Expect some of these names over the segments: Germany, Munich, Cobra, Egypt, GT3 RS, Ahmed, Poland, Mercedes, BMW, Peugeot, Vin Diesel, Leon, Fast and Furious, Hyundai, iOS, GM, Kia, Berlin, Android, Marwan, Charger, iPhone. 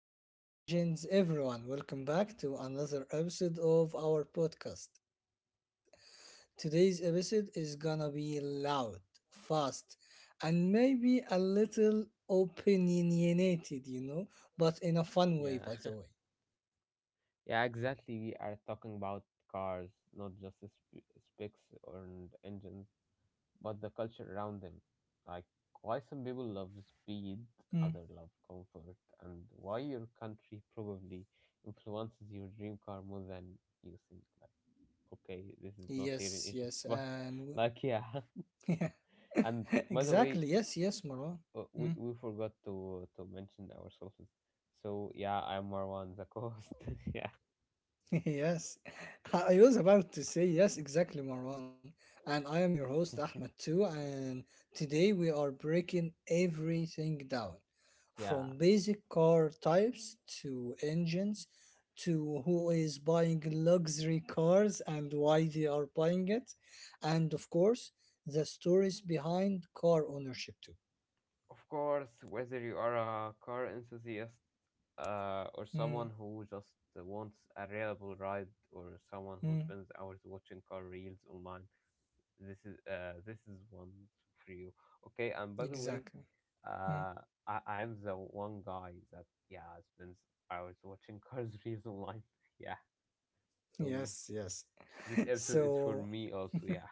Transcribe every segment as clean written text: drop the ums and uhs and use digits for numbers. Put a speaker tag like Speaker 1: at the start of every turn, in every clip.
Speaker 1: start your engines, everyone. Welcome back to another episode of our podcast. Today's episode is gonna be loud, fast, and maybe a little opinionated, you know, but in a fun way,
Speaker 2: Yeah,
Speaker 1: by the way.
Speaker 2: yeah, exactly. We are talking about cars, not just the specs or engines, but the culture around them. Like, why some people love
Speaker 1: Hmm.
Speaker 2: speed, others love comfort, and why your country probably influences your dream car more than you think. Like, okay, this is not here
Speaker 1: Yes,
Speaker 2: in
Speaker 1: yes,
Speaker 2: Egypt, but
Speaker 1: and
Speaker 2: like, yeah.
Speaker 1: w- yeah,
Speaker 2: And by the way,
Speaker 1: exactly. Yes, yes, Marwan.
Speaker 2: we,
Speaker 1: Hmm.
Speaker 2: we forgot to mention ourselves. So yeah, I'm Marwan, the co-host. Yeah,
Speaker 1: Yes, I was about to say yes, exactly, Marwan. And I am your host, Ahmed, too. And today we are breaking everything down
Speaker 2: yeah.
Speaker 1: from basic car types to engines to who is buying luxury cars and why they are buying it. And of course, the stories behind car ownership, too.
Speaker 2: Of course, whether you are a car enthusiast, or
Speaker 1: Mm,
Speaker 2: someone who just wants a reliable ride, or someone who
Speaker 1: mm,
Speaker 2: spends hours watching car reels online, this is one for you. Okay, and by the way,
Speaker 1: exactly. Mm.
Speaker 2: Uh, I'm the one guy that, yeah, spends hours watching cars reels online. Yeah, so
Speaker 1: Yes, yes.
Speaker 2: this episode is for
Speaker 1: So,
Speaker 2: me also. Yeah.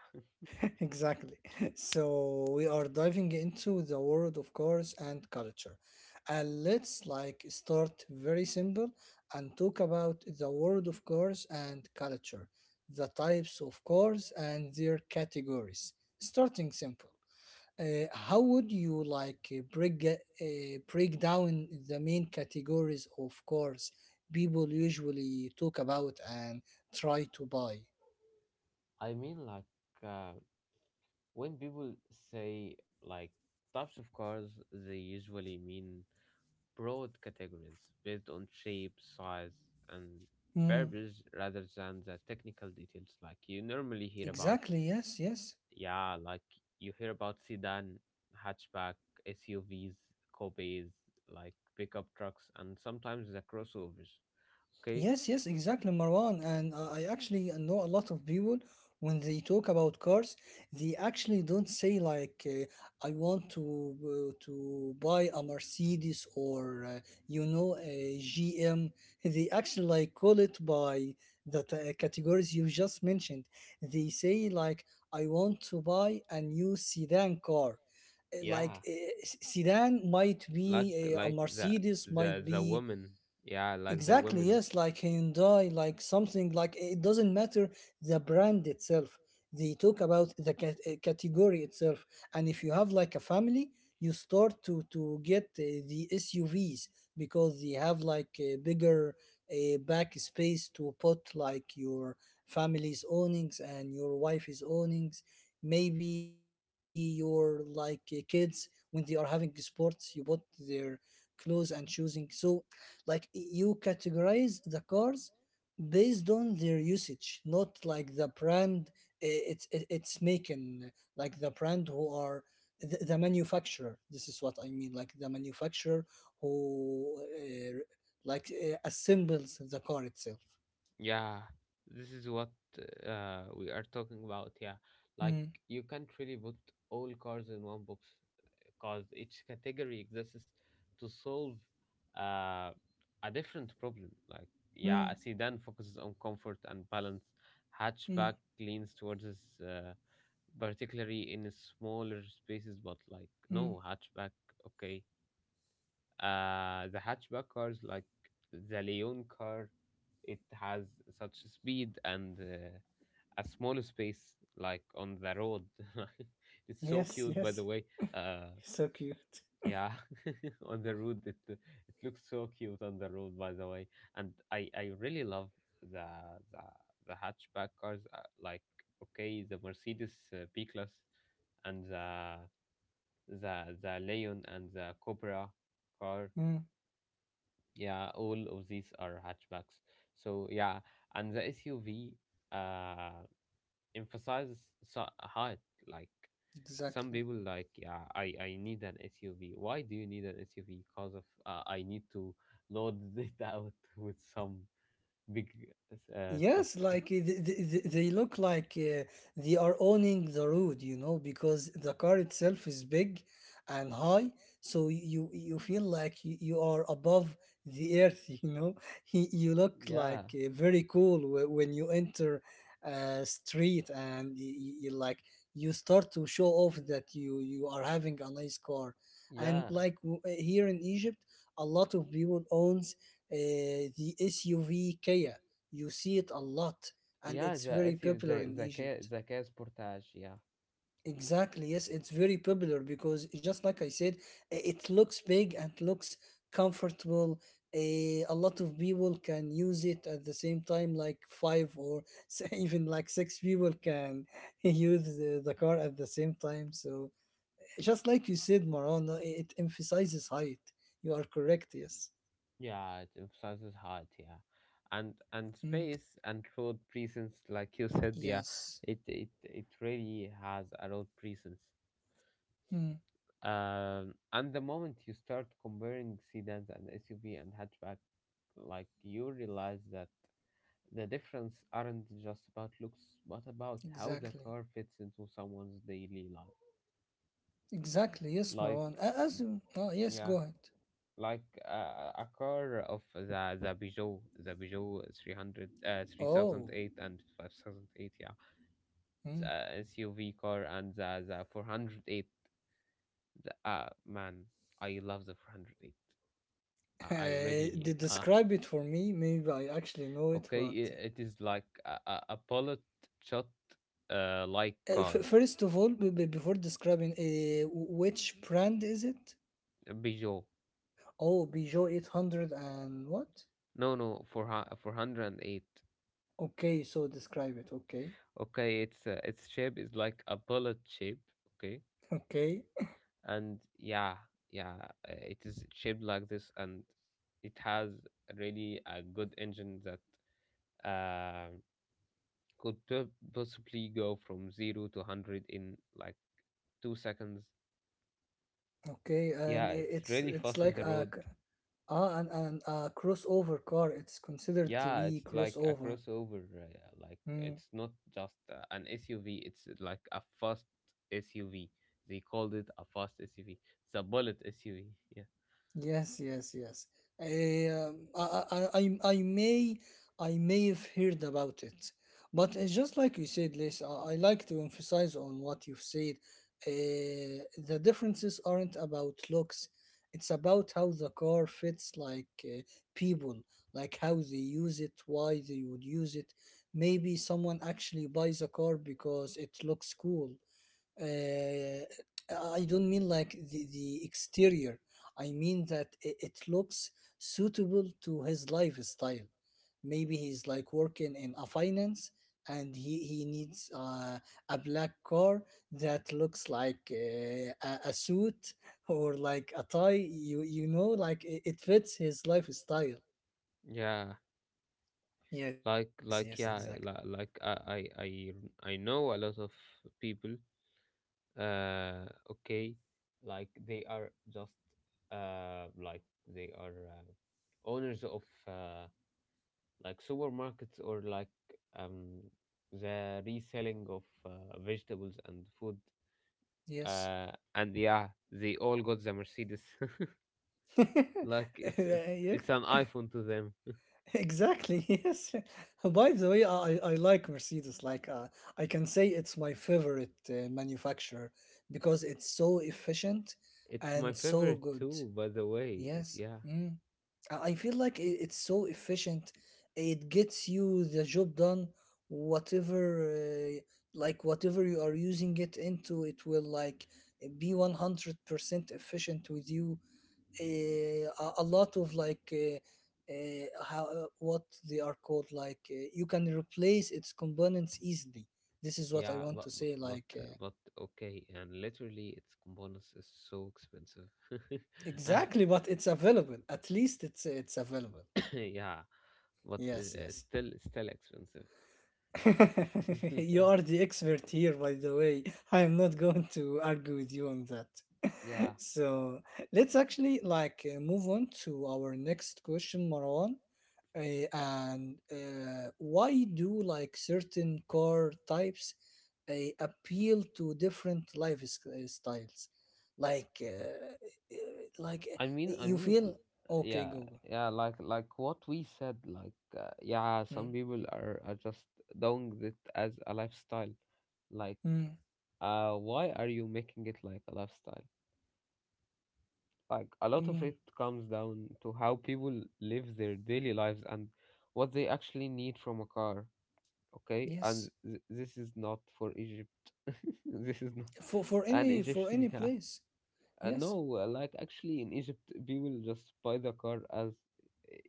Speaker 1: exactly. So we are diving into the world of cars and culture. And let's like start very simple and talk about the world of cars and culture, the types of cars and their categories. Starting simple. How would you like break break down the main categories of cars people usually talk about and try to buy?
Speaker 2: I mean, like, uh, when people say, like, types of cars, they usually mean broad categories based on shape, size, and
Speaker 1: Mm,
Speaker 2: purpose rather than the technical details like you normally hear
Speaker 1: exactly,
Speaker 2: about.
Speaker 1: yes, yes.
Speaker 2: Yeah, like you hear about sedan, hatchback, SUVs, coupes, like pickup trucks, and sometimes the crossovers. Okay,
Speaker 1: Yes, yes, exactly, Marwan. And I actually know a lot of people when they talk about cars, they actually don't say like, "I want to buy a Mercedes or you know a GM." They actually like call it by the categories you just mentioned. They say like, "I want to buy a new sedan car." Like
Speaker 2: yeah,
Speaker 1: sedan might be
Speaker 2: like
Speaker 1: a
Speaker 2: like the
Speaker 1: Mercedes,
Speaker 2: the
Speaker 1: might
Speaker 2: the
Speaker 1: be
Speaker 2: woman. Yeah, like the
Speaker 1: exactly,
Speaker 2: women.
Speaker 1: yes, like Hyundai, like something like eh, it doesn't matter the brand itself. They talk about the category itself. And if you have like a family, you start to get the SUVs because they have like a bigger back space to put like your family's ownings and your wife's ownings. Maybe your like kids when they are having sports, you bought their clothes and choosing. So like you categorize the cars based on their usage not like the brand it's making like the brand who are the manufacturer this is what I mean like the manufacturer who uh, like assembles the car itself.
Speaker 2: Yeah, this is what we are talking about. Yeah, like
Speaker 1: Mm,
Speaker 2: you can't really put all cars in one box because each category exists to solve, uh, a different problem. Like, yeah,
Speaker 1: mm,
Speaker 2: a sedan focuses on comfort and balance,
Speaker 1: mm,
Speaker 2: hatchback leans towards its, particularly in smaller spaces, but like,
Speaker 1: mm.
Speaker 2: no, hatchback. Okay, the hatchback cars like the Leon car, it has such speed and, a small space like on the road. It's so
Speaker 1: Yes,
Speaker 2: cute, by the
Speaker 1: yes.
Speaker 2: way. Uh,
Speaker 1: So cute.
Speaker 2: yeah, on the road, it looks so cute on the road, by the way. And I really love the the the hatchback cars. Like okay, the Mercedes, B class, and the Leon and the Cobra car.
Speaker 1: Mm.
Speaker 2: Yeah, all of these are hatchbacks. So yeah, and the SUV uh emphasizes height. Like some
Speaker 1: Exactly.
Speaker 2: people like, yeah, I need an SUV. Why do you need an SUV? Because of, I need to load it out with some big, stuff.
Speaker 1: Yes, like they look like they are owning the road, you know, because the car itself is big and high, so you feel like you are above the earth, you know. You look like
Speaker 2: Yeah,
Speaker 1: very cool when you enter a street and you like you start to show off that you are having a nice car, and
Speaker 2: yeah.
Speaker 1: like here in Egypt, a lot of people owns uh, the SUV Kia you see it a lot, and
Speaker 2: Yeah,
Speaker 1: it's
Speaker 2: the
Speaker 1: very
Speaker 2: issue,
Speaker 1: popular in Egypt.
Speaker 2: the case portage, yeah.
Speaker 1: Exactly, yes, it's very popular because just like I said, it looks big and looks comfortable. A lot of people can use it at the same time, like five or even like six people can use the car at the same time. So, just like you said, Maran, it emphasizes height. You are correct, yes.
Speaker 2: Yeah, it emphasizes height, yeah. And
Speaker 1: Mm,
Speaker 2: space and road presence, like you said, yeah,
Speaker 1: yes,
Speaker 2: it really has a road presence.
Speaker 1: mm,
Speaker 2: And the moment you start comparing sedans and SUV and hatchback, like you realize that the difference aren't just about looks, but about how the
Speaker 1: exactly.
Speaker 2: car fits into someone's daily life.
Speaker 1: Exactly, yes,
Speaker 2: Like,
Speaker 1: Marwan. As you- oh, yes, go
Speaker 2: yeah.
Speaker 1: ahead.
Speaker 2: Like, a car of the Peugeot 300,
Speaker 1: Oh,
Speaker 2: 3008, and 5008. Yeah, it's
Speaker 1: mm.
Speaker 2: a SUV car, and the 408. Man, I love the 408. I
Speaker 1: Eh, they
Speaker 2: really,
Speaker 1: describe it for me. Maybe I actually know it,
Speaker 2: okay,
Speaker 1: but
Speaker 2: it is like a, bullet shot, like car.
Speaker 1: first of all, before describing, which brand is it?
Speaker 2: Peugeot,
Speaker 1: Oh, Peugeot 800 and what?
Speaker 2: no, four four 408.
Speaker 1: Okay, so describe it. Okay,
Speaker 2: Okay, it's, its shape is like a bullet shape. Okay,
Speaker 1: okay,
Speaker 2: and yeah, yeah, it is shaped like this, and it has really a good engine that, uh, could possibly go from 0 to 100 in like 2 seconds.
Speaker 1: okay, and
Speaker 2: Yeah, it's
Speaker 1: it's
Speaker 2: really fast on the road.
Speaker 1: ah, and a crossover car. It's considered to
Speaker 2: Yeah,
Speaker 1: be
Speaker 2: it's like a
Speaker 1: crossover.
Speaker 2: crossover. Like
Speaker 1: Hmm.
Speaker 2: it's not just, an SUV; it's, like a fast SUV. They called it a fast SUV. It's a bullet SUV. Yeah,
Speaker 1: Yes, yes, yes. Uh, I, I, I, I may, I may have heard about it, but just like you said, Liz, I like to emphasize on what you've said. The differences aren't about looks; it's about how the car fits, like people, like how they use it, why they would use it. Maybe someone actually buys a car because it looks cool, uh, I don't mean like the exterior. I mean that it looks suitable to his lifestyle. Maybe he's like working in a finance and he needs a black car that looks like a suit or like a tie. You know, like it fits his lifestyle.
Speaker 2: yeah.
Speaker 1: Yes, yes, exactly.
Speaker 2: Yeah, like I know a lot of people. Okay, like they are just, like they are, owners of, like supermarkets, or like, um, the reselling of, vegetables and food.
Speaker 1: Yes.
Speaker 2: And yeah, they all got the Mercedes. Like it's it's
Speaker 1: yeah,
Speaker 2: it's an iPhone to them.
Speaker 1: exactly, yes. By the way, I like Mercedes. Like, I can say it's my favorite manufacturer because it's so efficient
Speaker 2: It's my
Speaker 1: and so
Speaker 2: favorite
Speaker 1: good.
Speaker 2: too, by the way.
Speaker 1: Yes.
Speaker 2: Yeah,
Speaker 1: Mm. I feel like it's so efficient. It gets you the job done, whatever, like, whatever you are using it into, it will, like, be 100% efficient with you a lot of like how what they are called like you can replace its components easily this is what I
Speaker 2: yeah,
Speaker 1: want to say
Speaker 2: but
Speaker 1: like
Speaker 2: but okay. And literally, its components is so expensive. Ah,
Speaker 1: exactly but it's available at least it's available
Speaker 2: yeah, but,
Speaker 1: yes yes.
Speaker 2: still expensive.
Speaker 1: You
Speaker 2: Yeah.
Speaker 1: are the expert here, by the way. I am not going to argue with you on that.
Speaker 2: Yeah.
Speaker 1: So let's actually like move on to our next question, Marwan. And why do like certain car types uh, appeal to different lifestyles, like, uh, like uh,
Speaker 2: I mean, I
Speaker 1: you
Speaker 2: mean, l-
Speaker 1: feel okay,
Speaker 2: yeah,
Speaker 1: go go.
Speaker 2: yeah, like what we said, like, yeah,
Speaker 1: Mm,
Speaker 2: some people are just doing it as a lifestyle. Like,
Speaker 1: mm,
Speaker 2: why are you making it like a lifestyle? Like a lot of
Speaker 1: mm,
Speaker 2: it comes down to how people live their daily lives and what they actually need from a car. Okay, and
Speaker 1: yes,
Speaker 2: this is not for Egypt. This is not
Speaker 1: for
Speaker 2: an
Speaker 1: any for
Speaker 2: Egyptian.
Speaker 1: any
Speaker 2: Yeah.
Speaker 1: place.
Speaker 2: No,
Speaker 1: Yes.
Speaker 2: like actually in Egypt, people just buy the car as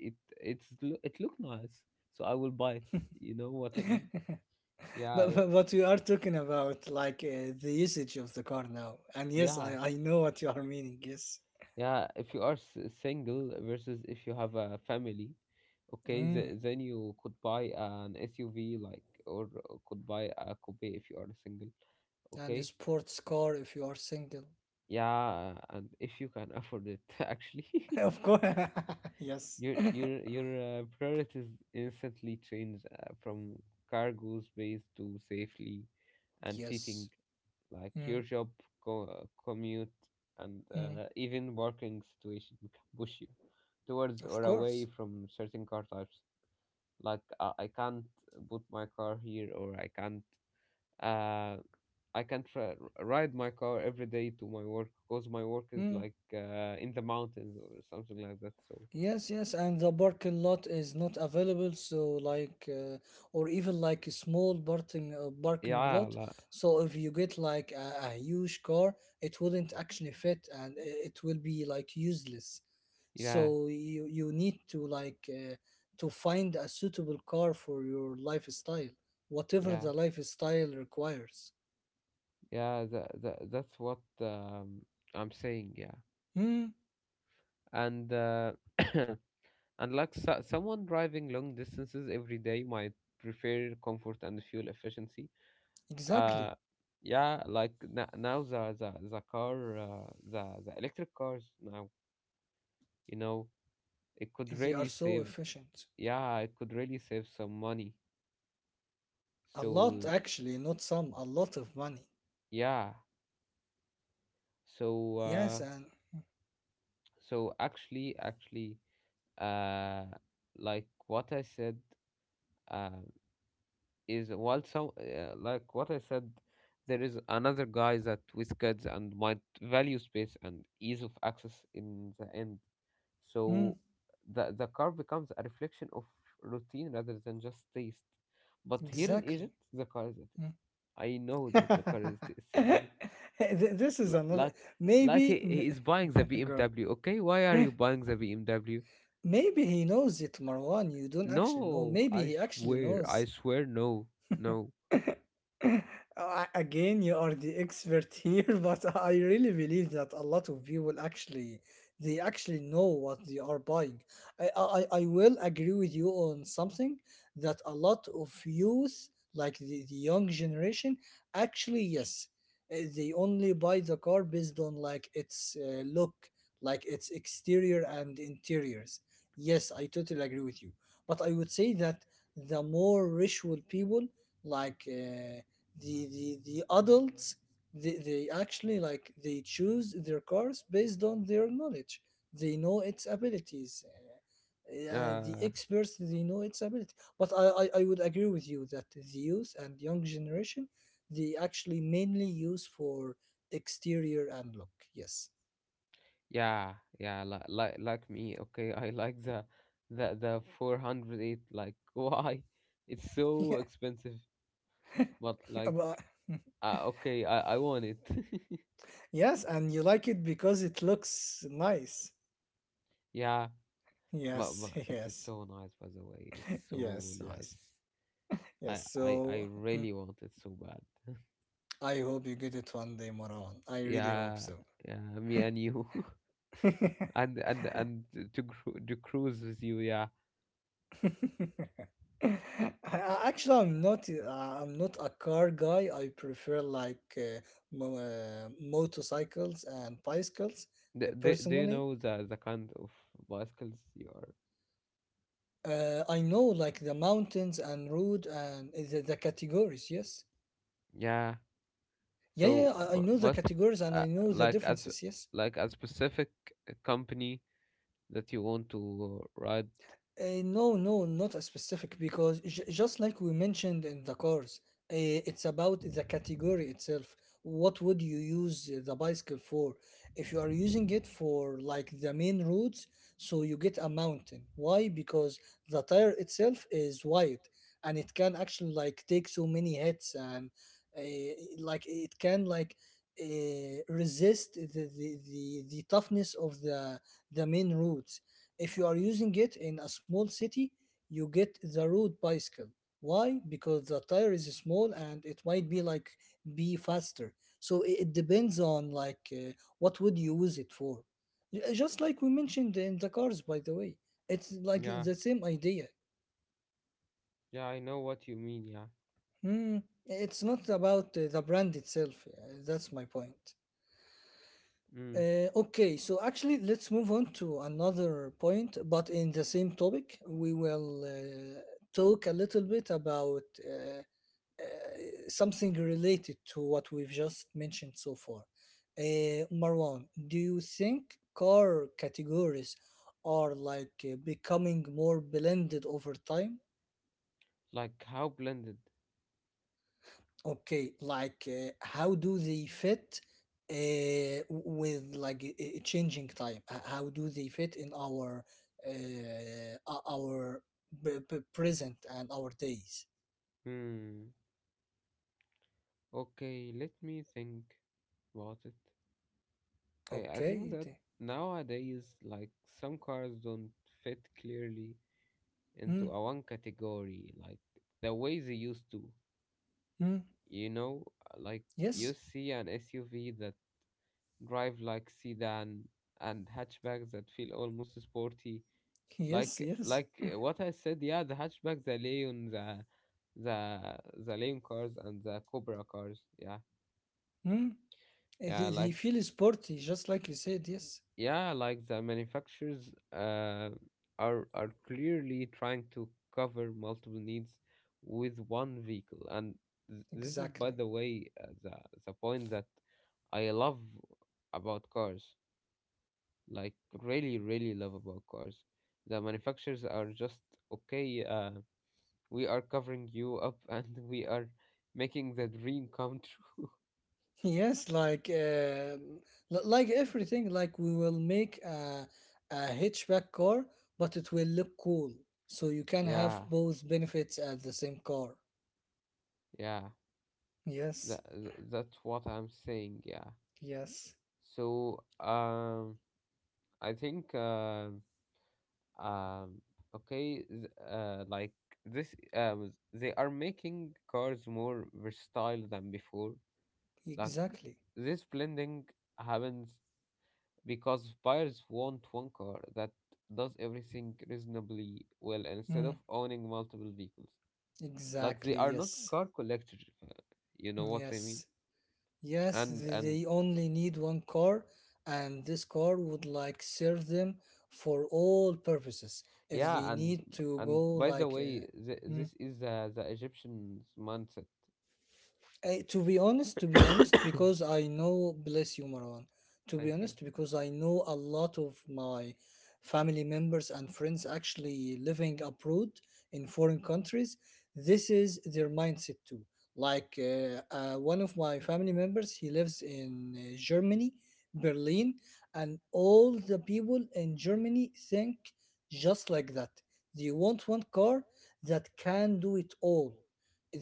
Speaker 2: it, it look nice, so I will buy it. You know what I mean? Yeah,
Speaker 1: But what you are talking about, like the usage of the car now. And yes,
Speaker 2: yeah,
Speaker 1: I know what you are meaning. Yes.
Speaker 2: yeah. If you are single versus if you have a family, okay,
Speaker 1: Mm.
Speaker 2: then you could buy an SUV, like, or could buy a coupe if you are single.
Speaker 1: And a
Speaker 2: Okay,
Speaker 1: sports car if you are single.
Speaker 2: yeah, and if you can afford it, actually.
Speaker 1: Of course. yes.
Speaker 2: Your priorities instantly change, from cargo space to safely and
Speaker 1: Yes.
Speaker 2: seating, like
Speaker 1: Mm.
Speaker 2: your job, commute, and,
Speaker 1: Mm.
Speaker 2: even working situation can push you towards
Speaker 1: Of
Speaker 2: or away
Speaker 1: course.
Speaker 2: from certain car types. Like, I can't put my car here, or uh, I can't ride my car every day to my work, because my work is
Speaker 1: Mm.
Speaker 2: like, in the mountains or something like that. So
Speaker 1: Yes, yes, and the parking lot is not available, so like, or even like a small parking
Speaker 2: yeah,
Speaker 1: lot.
Speaker 2: like,
Speaker 1: So if you get like a huge car, it wouldn't actually fit, and it will be like useless. So
Speaker 2: yeah,
Speaker 1: you need to like to find a suitable car for your lifestyle, whatever
Speaker 2: yeah,
Speaker 1: the lifestyle requires.
Speaker 2: yeah. That, that's what, I'm saying. Yeah,
Speaker 1: Hmm,
Speaker 2: and and like so, someone driving long distances every day might prefer comfort and fuel efficiency.
Speaker 1: exactly.
Speaker 2: Uh, yeah, like now the electric cars now, you know it could
Speaker 1: They are
Speaker 2: really
Speaker 1: so
Speaker 2: save.
Speaker 1: efficient.
Speaker 2: Yeah, it could really save some money.
Speaker 1: A
Speaker 2: So
Speaker 1: lot, actually, not some, a lot of money.
Speaker 2: yeah. So,
Speaker 1: Yes, and
Speaker 2: so actually, uh, like what I said, uh, is while some, like what I said, there is another guy that with kids and might value space and ease of access in the end.
Speaker 1: mm,
Speaker 2: So the car becomes a reflection of routine rather than just taste. But here in
Speaker 1: exactly.
Speaker 2: Egypt, the car is a taste.
Speaker 1: Mm.
Speaker 2: I know that the car is a taste in Egypt.
Speaker 1: This is another.
Speaker 2: Like he,
Speaker 1: Maybe,
Speaker 2: he is buying the
Speaker 1: girl.
Speaker 2: BMW. Okay, why are you buying the BMW?
Speaker 1: Maybe he knows it, Marwan. You don't actually know.
Speaker 2: No,
Speaker 1: Maybe he actually
Speaker 2: I
Speaker 1: knows.
Speaker 2: swear, no, no.
Speaker 1: Uh, Again, you are the expert here, but I really believe that a lot of people actually they actually know what they are buying. I will agree with you on something that a lot of youth, like the young generation, actually yes, eh, they only buy the car based on like its look, like its exterior and interiors. Yes, I totally agree with you, but I would say that the more rich would people like. The the adults they actually like they choose their cars based on their knowledge they know its abilities the
Speaker 2: Uh,
Speaker 1: experts they know its ability but I would agree with you that the youth and young generation they actually mainly use for exterior and look yes
Speaker 2: yeah, yeah, like me. Okay, I like the 408. Like why? It's so
Speaker 1: yeah
Speaker 2: expensive, but like,
Speaker 1: but,
Speaker 2: okay, I want it.
Speaker 1: yes and you like it because it looks nice
Speaker 2: Yeah, but
Speaker 1: yes
Speaker 2: it's
Speaker 1: yes
Speaker 2: so nice, by the way. It's so
Speaker 1: yes yes
Speaker 2: nice.
Speaker 1: yes
Speaker 2: I
Speaker 1: so
Speaker 2: really want it so bad.
Speaker 1: I hope you get it one day, Marwan. I really hope
Speaker 2: Yeah,
Speaker 1: so.
Speaker 2: yeah, me and you,
Speaker 1: I-
Speaker 2: and to cruise with you. Yeah.
Speaker 1: Actually, I'm not. I'm not a car guy. I prefer like motorcycles and bicycles
Speaker 2: Do you
Speaker 1: personally.
Speaker 2: know the kind of bicycles you are?
Speaker 1: I know like the mountains and road and the categories. Yes.
Speaker 2: Yeah.
Speaker 1: Yeah,
Speaker 2: So,
Speaker 1: yeah. I
Speaker 2: but,
Speaker 1: know the categories and I know the
Speaker 2: like as
Speaker 1: differences. Yes.
Speaker 2: like a specific, company that you want to, ride.
Speaker 1: No, no, not a specific because just like we mentioned in the cars, it's about the category itself. What would you use the bicycle for? If you are using it for like the main roads, so you get a mountain. Why? Because the tire itself is wide and it can actually like take so many hits and uh, like it can like resist the toughness of the main roads if you are using it in a small city, you get the road bicycle. Why? Because the tire is small and it might be like be faster. So it depends on like what would you use it for. Just like we mentioned in the cars, by the way, it's like
Speaker 2: Yeah.
Speaker 1: the same idea.
Speaker 2: Yeah, I know what you mean. Yeah.
Speaker 1: Hmm. It's not about the brand itself. That's my point.
Speaker 2: Mm.
Speaker 1: Okay, so actually, let's move on to another point, but in the same topic, we will talk a little bit about uh, uh, something related to what we've just mentioned so far. Marwan, do you think car categories are like becoming more blended over time?
Speaker 2: Like how blended.
Speaker 1: Okay, like how do they fit with like a changing time? How do they fit in our our present and our days?
Speaker 2: Hmm. Okay, let me think about it. Okay, I think
Speaker 1: Okay.
Speaker 2: that nowadays, like some cars don't fit clearly into
Speaker 1: Mm,
Speaker 2: a one category, like the way they used to.
Speaker 1: mm,
Speaker 2: You know, like you
Speaker 1: yes.
Speaker 2: see an SUV that drive like sedan and hatchbacks that feel almost sporty.
Speaker 1: Yes, yes.
Speaker 2: What I said, yeah, the hatchback, the Leon, the Leon cars and the Cobra cars. Yeah,
Speaker 1: Mm. They,
Speaker 2: yeah,
Speaker 1: they
Speaker 2: like.
Speaker 1: feel sporty, just like you said. Yes,
Speaker 2: Yeah, like the manufacturers, are clearly trying to cover multiple needs with one vehicle, and this is, by
Speaker 1: exactly.
Speaker 2: the way, the point that I love about cars. Like, really, really love about cars. The manufacturers are just okay. We are covering you up, and we are making the dream come true.
Speaker 1: Yes, like like everything, like we will make a hatchback car, but it will look cool. So you can have
Speaker 2: Yeah,
Speaker 1: both benefits at the same car.
Speaker 2: yeah.
Speaker 1: Yes,
Speaker 2: That, that's what I'm saying, yeah.
Speaker 1: yes,
Speaker 2: So, I think, um, okay, like this, they are making cars more versatile than before. Like,
Speaker 1: exactly.
Speaker 2: this blending happens because buyers want one car that does everything reasonably well instead of
Speaker 1: Mm,
Speaker 2: owning multiple vehicles. Like, they
Speaker 1: exactly,
Speaker 2: are not
Speaker 1: yes,
Speaker 2: car collectors, you know what I mean?
Speaker 1: yes, yes.
Speaker 2: And,
Speaker 1: th-
Speaker 2: and,
Speaker 1: They only need one car, and this car would like serve them for all purposes. If they
Speaker 2: Yeah, and
Speaker 1: need to
Speaker 2: and
Speaker 1: go
Speaker 2: by the
Speaker 1: like
Speaker 2: way,
Speaker 1: mm.
Speaker 2: this is the Egyptian's mindset.
Speaker 1: To be honest, to be honest, because I know, bless you, Marwan. To be
Speaker 2: Thank you.
Speaker 1: honest, because I know a lot of my family members and friends actually living abroad in foreign countries, this is their mindset too. Like one of my family members, he lives in Germany, Berlin, and all the people in Germany think just like that. They want one car that can do it all.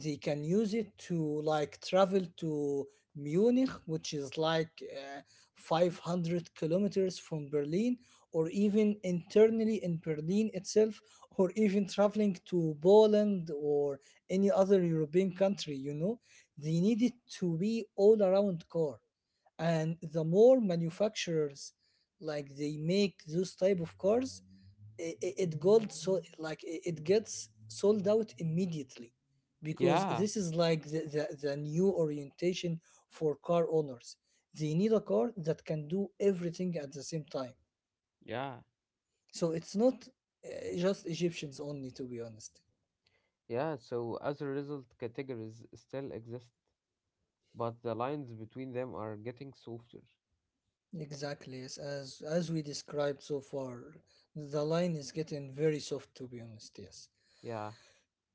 Speaker 1: They can use it to like travel to Munich, which is like 500 kilometers from Berlin, or even internally in Berlin itself, or even traveling to Poland or any other European country, they need it to be all around car. And the more manufacturers like they make those type of cars, it got so like it gets sold out immediately, because
Speaker 2: Yeah,
Speaker 1: this is like the new orientation for car owners. They need a car that can do everything at the same time.
Speaker 2: yeah,
Speaker 1: So it's not just Egyptians only, to be honest.
Speaker 2: yeah. So as a result, categories still exist, but the lines between them are getting softer.
Speaker 1: Exactly, yes. As we described so far, the line is getting very soft, to be honest. Yes.
Speaker 2: Yeah.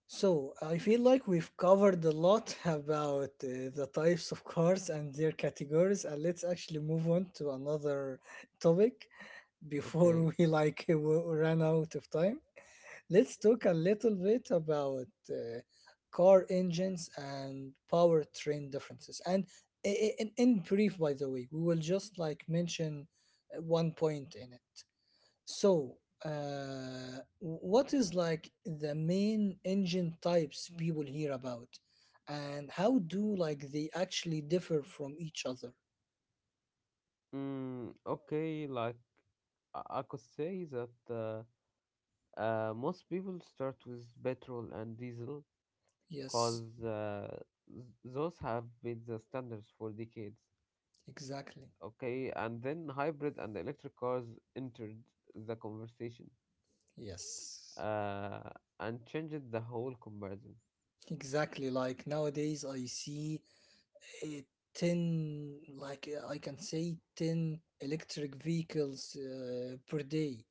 Speaker 1: So, I feel like we've covered a lot about the types of cars and their categories, and let's actually move on to another topic
Speaker 2: Okay.
Speaker 1: before we like ran out of time. Let's talk a little bit about car engines and powertrain differences. And in brief, by the way, we will just like mention one point in it. So, what is like the main engine types people hear about, and how do like they actually differ from each other?
Speaker 2: Mm, okay. Like I could say that, most people start with petrol and diesel,
Speaker 1: Yes,
Speaker 2: cause, those have been the standards for decades.
Speaker 1: exactly.
Speaker 2: Okay, and then hybrid and electric cars entered the conversation,
Speaker 1: Yes,
Speaker 2: uh, and changed the whole comparison.
Speaker 1: exactly. Like nowadays, I see, uh, 10, like, I can say, 10 electric vehicles, per day.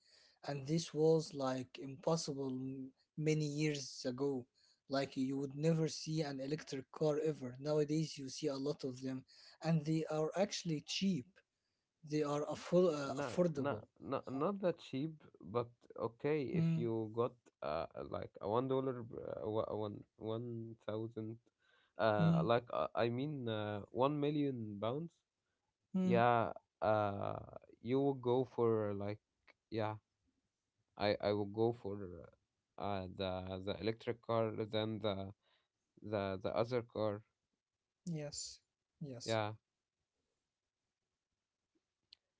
Speaker 1: And this was like impossible many years ago. Like you would never see an electric car ever. Nowadays you see a lot of them, and they are actually cheap. They are
Speaker 2: Nah, nah,
Speaker 1: affordable.
Speaker 2: nah, not that cheap, but okay, if
Speaker 1: Mm,
Speaker 2: you got, like a $1, one thousand,
Speaker 1: mm,
Speaker 2: like, I mean, 1 million pounds,
Speaker 1: mm,
Speaker 2: yeah, uh, you will go for like, yeah, I would go for, the electric car than the other car.
Speaker 1: yes, yes,
Speaker 2: Yeah,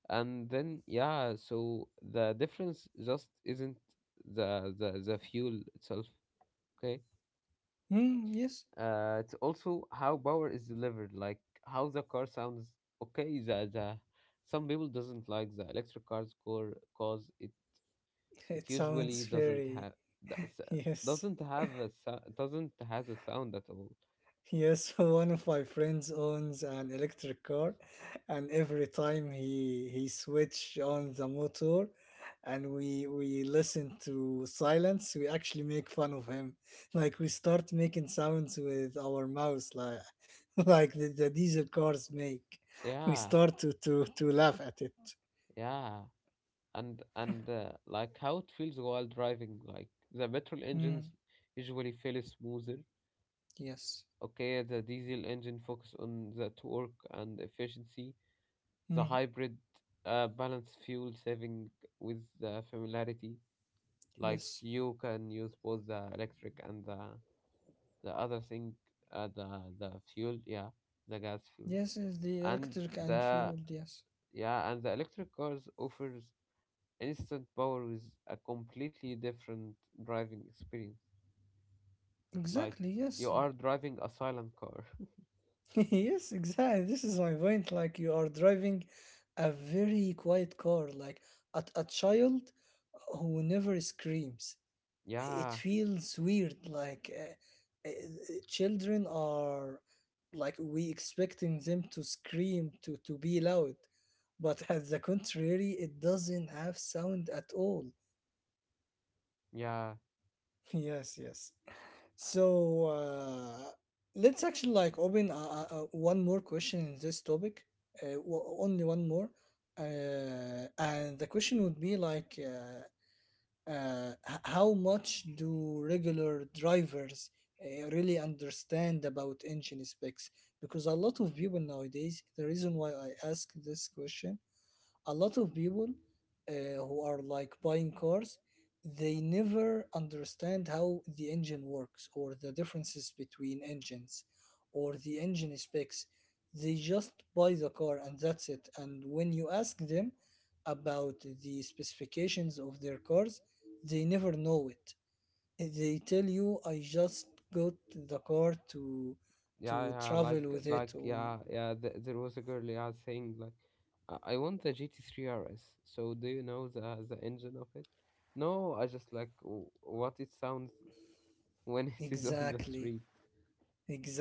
Speaker 2: and then yeah, so the difference just isn't the fuel itself. Okay,
Speaker 1: mm, yes.
Speaker 2: it's also how power is delivered, like how the car sounds. Okay, the some people doesn't like the electric cars core cause it it
Speaker 1: It
Speaker 2: usually
Speaker 1: sounds very. Yes.
Speaker 2: doesn't has a sound at all.
Speaker 1: Yes, one of my friends owns an electric car, and every time he switch on the motor, and we listen to silence, we actually make fun of him. Like we start making sounds with our mouths, like like the diesel cars make. We
Speaker 2: Yeah.
Speaker 1: start to laugh at it.
Speaker 2: Yeah, and like how it feels while driving. Like the petrol engines
Speaker 1: Mm,
Speaker 2: usually feel smoother.
Speaker 1: yes.
Speaker 2: Okay, the diesel engine focus on the torque and efficiency. The
Speaker 1: Mm,
Speaker 2: hybrid balance fuel saving with the familiarity. Like
Speaker 1: yes.
Speaker 2: you can use both the electric and the other thing, the fuel. Yeah, the gas fuel
Speaker 1: Yes, is the
Speaker 2: and
Speaker 1: electric and
Speaker 2: the
Speaker 1: fueled, yes.
Speaker 2: yeah, and the electric cars offers instant power, is a completely different driving experience. Like
Speaker 1: Exactly,
Speaker 2: you
Speaker 1: yes.
Speaker 2: are driving a silent car.
Speaker 1: Yes, exactly. This is my point. Like you are driving a very quiet car, like at a child who never screams. It
Speaker 2: Yeah,
Speaker 1: feels weird. Like children are like we expecting them to scream to be loud, but at the contrary, it doesn't have sound at all.
Speaker 2: yeah,
Speaker 1: Yes, yes. So, let's actually like open, one more question in this topic, only one more, and the question would be like, how much do regular drivers really understand about engine specs? Because a lot of people nowadays, the reason why I ask this question, a lot of people, uh, who are like buying cars, they never understand how the engine works or the differences between engines or the engine specs. They just buy the car, and that's it. And when you ask them about the specifications of their cars, they never know it. They tell you, I just got the car to
Speaker 2: yeah,
Speaker 1: to
Speaker 2: yeah.
Speaker 1: travel
Speaker 2: Like,
Speaker 1: with it, or
Speaker 2: yeah, yeah. There was a girl, yeah, saying like, I want the GT3 RS. So do you know the engine of it? No, I just like what it sounds when it is on the
Speaker 1: exactly,
Speaker 2: street.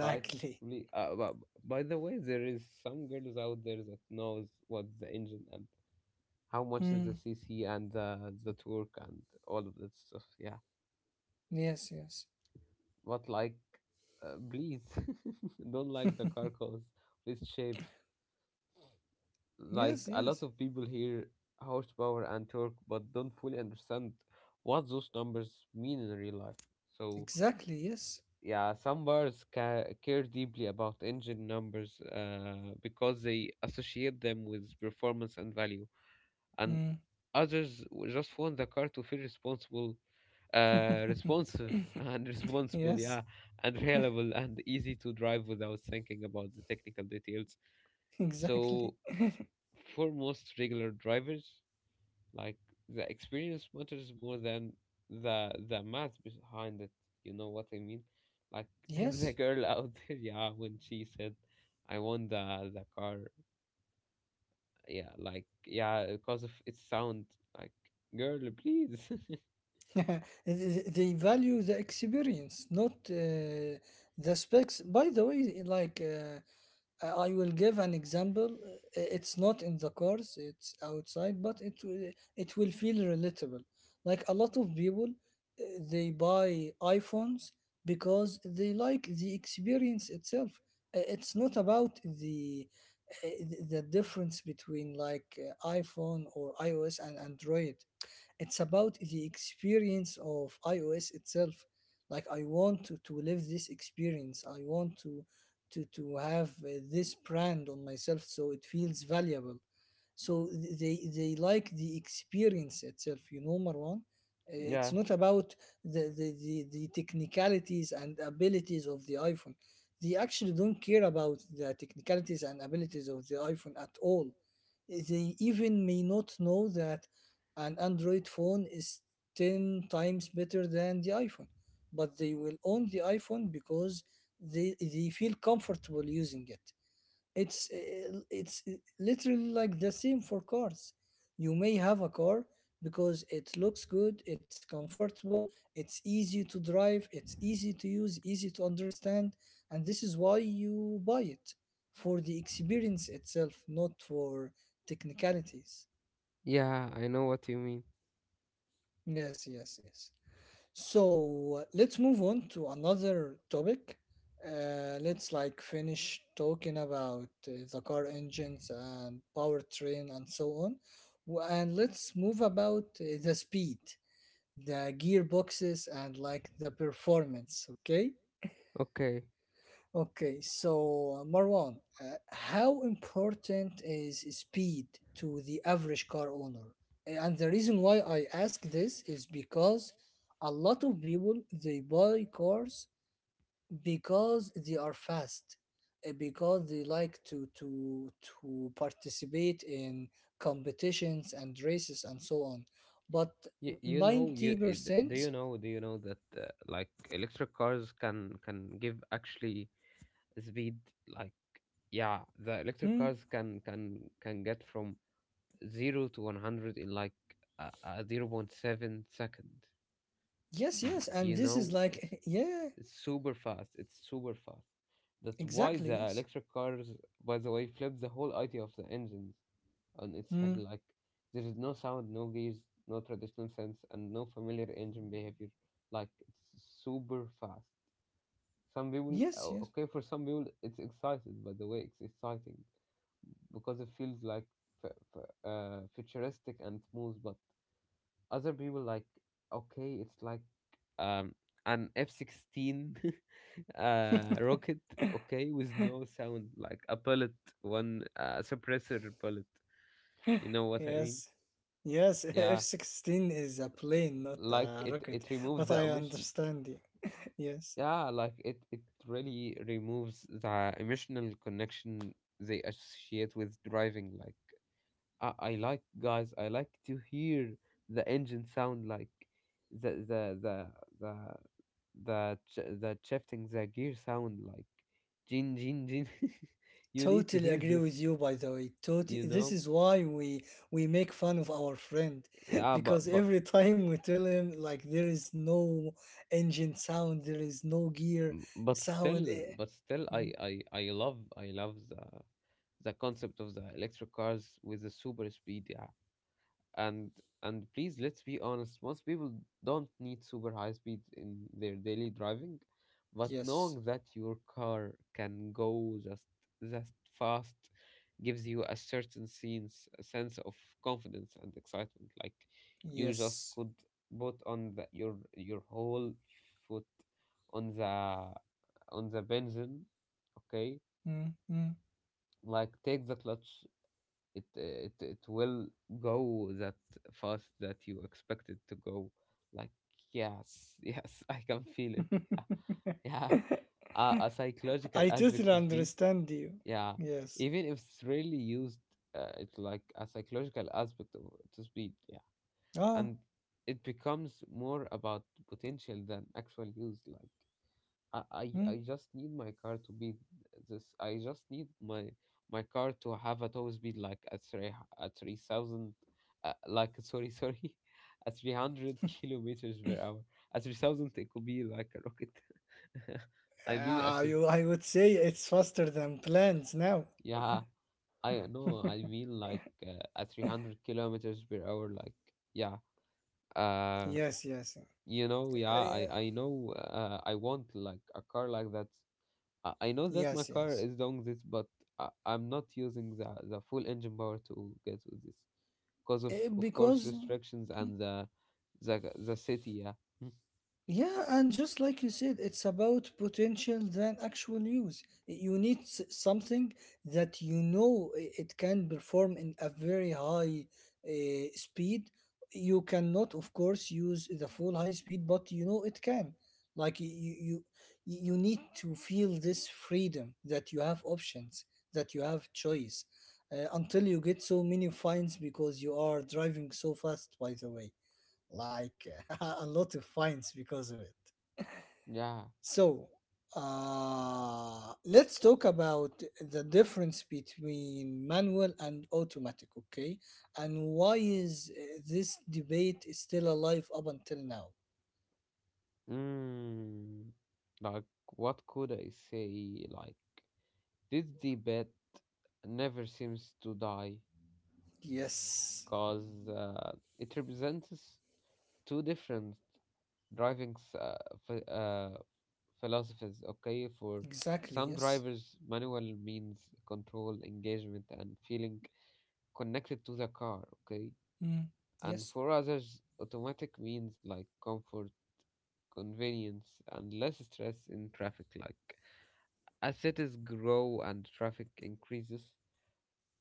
Speaker 2: Like, really, but by the way, there is some girls out there that knows what the engine and how much is the
Speaker 1: Hmm.
Speaker 2: CC and the torque and all of that stuff. Yeah,
Speaker 1: Yes, yes.
Speaker 2: but like, please don't like the car calls with shape. Like
Speaker 1: Yes,
Speaker 2: a lot
Speaker 1: yes.
Speaker 2: of people hear horsepower and torque, but don't fully understand what those numbers mean in real life. So
Speaker 1: Exactly, yes.
Speaker 2: yeah, some bars care deeply about engine numbers because they associate them with performance and value. And
Speaker 1: Mm.
Speaker 2: others just want the car to feel responsible, responsive and responsible,
Speaker 1: Yes,
Speaker 2: yeah, and reliable and easy to drive without thinking about the technical details.
Speaker 1: exactly.
Speaker 2: So, for most regular drivers, like the experience matters more than the math behind it. You know what I mean? Like the
Speaker 1: Yes.
Speaker 2: girl out there, yeah, when she said, "I want the car," yeah, like yeah, because of its sound, like girl, please.
Speaker 1: They value the experience, not the specs. By the way, like I will give an example. It's not in the cars, it's outside, but it will feel relatable. Like a lot of people, they buy iPhones because they like the experience itself. It's not about the the difference between like iPhone or iOS and Android. It's about the experience of iOS itself. Like I want to live this experience. I want to have this brand on myself, so it feels valuable. So they like the experience itself, you know, Marwan. It's
Speaker 2: Yeah.
Speaker 1: not about the technicalities and abilities of the iPhone. They actually don't care about the technicalities and abilities of the iPhone at all. They even may not know that an Android phone is 10 times better than the iPhone, but they will own the iPhone because they, they feel comfortable using it. It's literally like the same for cars. You may have a car because it looks good, it's comfortable, it's easy to drive, it's easy to use, easy to understand, and this is why you buy it for the experience itself, not for technicalities.
Speaker 2: Yeah, I know what you mean.
Speaker 1: Yes, yes, yes. So let's move on to another topic. Let's like finish talking about the car engines and powertrain and so on. And let's move about the speed, the gearboxes, and like the performance. Okay.
Speaker 2: Okay.
Speaker 1: Okay, so Marwan, how important is speed to the average car owner? And the reason why I ask this is because a lot of people they buy cars because they are fast, because they like to participate in competitions and races and so on. But
Speaker 2: You know you d- do
Speaker 1: 90%.
Speaker 2: you know Do you know that like electric cars can give actually speed, like yeah, the electric
Speaker 1: Hmm,
Speaker 2: cars can get from 0 to 100 in like a 0. 0.7 second.
Speaker 1: yes, yes, and
Speaker 2: You
Speaker 1: this
Speaker 2: know
Speaker 1: is
Speaker 2: it's
Speaker 1: like yeah,
Speaker 2: It's super fast. It's super fast. That's why
Speaker 1: exactly,
Speaker 2: the
Speaker 1: yes.
Speaker 2: electric cars, by the way, flip the whole idea of the engines on its head.
Speaker 1: Hmm.
Speaker 2: Like, there is no sound, no gears, no traditional sense, and no familiar engine behavior. Like, it's super fast.
Speaker 1: Yes, yes,
Speaker 2: Okay, for some people, it's excited, by the way, it's exciting because it feels like f- futuristic and smooth. But other people, like, okay, it's like um, an F 16 rocket, okay, with no sound, like a bullet, one suppressor bullet. You know what I mean?
Speaker 1: yes, yes. F
Speaker 2: Yeah,
Speaker 1: sixteen is a plane, not
Speaker 2: like
Speaker 1: a
Speaker 2: it
Speaker 1: rocket.
Speaker 2: it removes
Speaker 1: But
Speaker 2: the
Speaker 1: I
Speaker 2: omission.
Speaker 1: understand you. Yes,
Speaker 2: Yeah, like it really removes the emotional connection they associate with driving. Like. I like guys, I like to hear the engine sound, like the the the the the shifting the gear sound, like jin jin jin you need to
Speaker 1: totally
Speaker 2: hear
Speaker 1: agree
Speaker 2: this,
Speaker 1: with you. By the way, totally.
Speaker 2: you
Speaker 1: This
Speaker 2: know.
Speaker 1: is why we make fun of our friend,
Speaker 2: Yeah,
Speaker 1: because every time we tell him like there is no engine sound, there is no gear sound.
Speaker 2: but still
Speaker 1: Mm.
Speaker 2: I love the concept of the electric cars with the super speed, yeah. And and please, let's be honest, most people don't need super high speed in their daily driving. But
Speaker 1: Yes,
Speaker 2: knowing that your car can go just that fast gives you a certain sense, a sense of confidence and excitement, like you just
Speaker 1: yes.
Speaker 2: could put on your whole foot on the benzene, okay,
Speaker 1: Mm. Mm.
Speaker 2: like take the clutch, it will go that fast that you expect it to go. Like yes, yes, I can feel it. Yeah, yeah. A psychological
Speaker 1: I
Speaker 2: aspect
Speaker 1: totally
Speaker 2: to speed.
Speaker 1: understand you.
Speaker 2: Yeah,
Speaker 1: Yes.
Speaker 2: even if it's really used, it's like a psychological aspect to speed. Yeah,
Speaker 1: Ah.
Speaker 2: and it becomes more about potential than actual use. Like I, I
Speaker 1: Hmm?
Speaker 2: I just need my car to be this. I just need my car to have a top speed like at 3,000, like sorry, at 300 kilometers per hour. At 3,000, it could be like a rocket. I mean, at
Speaker 1: Ah,
Speaker 2: three.
Speaker 1: I would say it's faster than plans now.
Speaker 2: Yeah, I know. I mean, like at 300 kilometers per hour. Like yeah, uh,
Speaker 1: Yes, yes. Uh,
Speaker 2: you know, yeah. I know. I want like a car like that. I know that my
Speaker 1: yes,
Speaker 2: car
Speaker 1: yes.
Speaker 2: is doing this, but I'm not using the full engine power to get with this because
Speaker 1: Uh,
Speaker 2: of course
Speaker 1: because
Speaker 2: restrictions and the city. Yeah. Mm.
Speaker 1: Yeah, and just like you said, it's about potential than actual use. You need something that you know it can perform in a very high speed. You cannot, of course, use the full high speed, but you know it can. Like you need to feel this freedom that you have options, that you have choice, until you get so many fines because you are driving so fast. By the way, like a lot of fines because of it.
Speaker 2: Yeah.
Speaker 1: So, let's talk about the difference between manual and automatic, okay? And why is this debate is still alive up until now?
Speaker 2: Mm. Like what could I say? Like this debate never seems to die
Speaker 1: Yes,
Speaker 2: because it represents two different driving ph- uh, philosophies. Okay, for
Speaker 1: exactly.
Speaker 2: some
Speaker 1: Yes.
Speaker 2: drivers, manual means control, engagement, and feeling connected to the car. Okay,
Speaker 1: Mm.
Speaker 2: and
Speaker 1: Yes.
Speaker 2: for others, automatic means like comfort, convenience, and less stress in traffic. Like, as cities grow and traffic increases,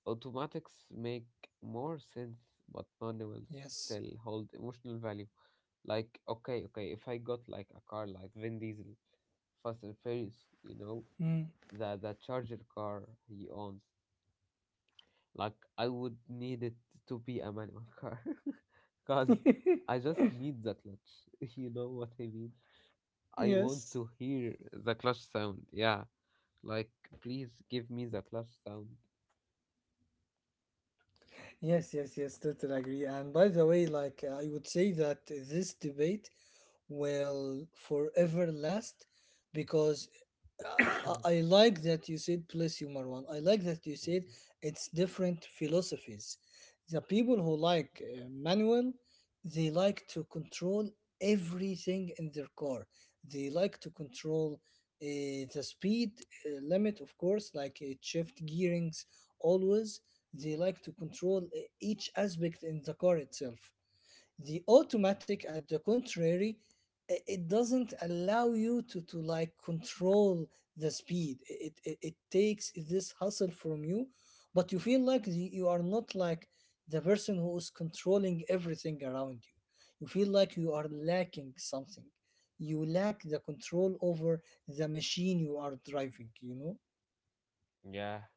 Speaker 2: automatics make more sense, but manuals
Speaker 1: Yes.
Speaker 2: still hold emotional value. Like, okay, if I got like a car like Vin Diesel, Fast and Furious, you know,
Speaker 1: Mm.
Speaker 2: the Charger car he owns, like I would need it to be a manual car, cause I just need the clutch. You know what I mean? I want
Speaker 1: Yes.
Speaker 2: to hear the clutch sound. Yeah, like please give me the clutch sound.
Speaker 1: Yes, yes, yes, totally agree. And by the way, like I would say that this debate will forever last, because I like that you said, bless you, Marwan. I like that you
Speaker 2: Thank
Speaker 1: said
Speaker 2: you.
Speaker 1: it's different philosophies. The people who like manual, they like to control everything in their car. They like to control uh, the speed limit, of course, like it shift gearings always. They like to control each aspect in the car itself. The automatic, at the contrary, it doesn't allow you to like control the speed. It takes this hustle from you, but you feel like you are not like the person who is controlling everything around you. You feel like you are lacking something. You lack the control over the machine you are driving, you know?
Speaker 2: Yeah,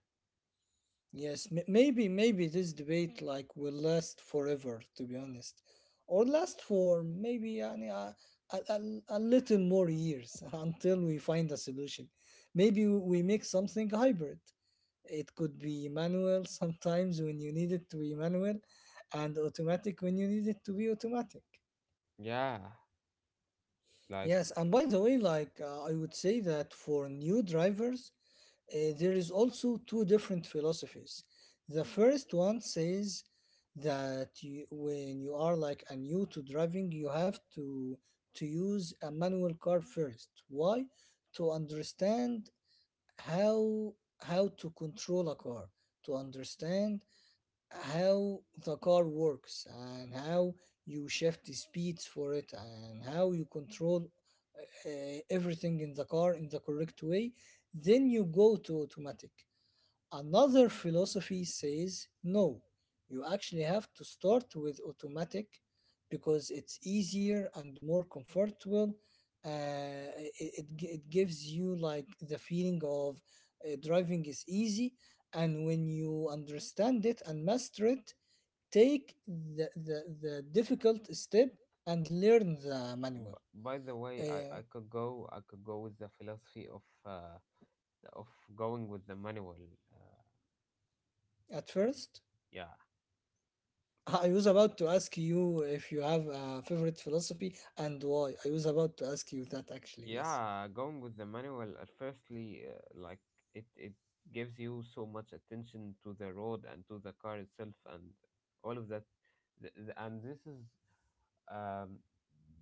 Speaker 1: Yes, maybe this debate like will last forever, to be honest, or last for maybe a little more years until we find a solution. Maybe we make something hybrid. It could be manual sometimes when you need it to be manual, and automatic when you need it to be automatic.
Speaker 2: yeah. Like,
Speaker 1: Yes, and by the way, like I would say that for new drivers, there is also two different philosophies. The first one says that you, when you are like a new to driving, you have to use a manual car first. Why? To understand how how to control a car, to understand how the car works and how you shift the speeds for it and how you control uh, everything in the car in the correct way. Then you go to automatic. Another philosophy says no, you actually have to start with automatic because it's easier and more comfortable. Uh, it, it gives you like the feeling of driving is easy, and when you understand it and master it, take the difficult step and learn the manual.
Speaker 2: by the way,
Speaker 1: Uh,
Speaker 2: I could go with the philosophy of of going with the manual. Uh,
Speaker 1: at first,
Speaker 2: yeah,
Speaker 1: I was about to ask you if you have a favorite philosophy and why. I was about to ask you that actually, yes.
Speaker 2: yeah, going with the manual. At firstly, like it gives you so much attention to the road and to the car itself and all of that. And this is um,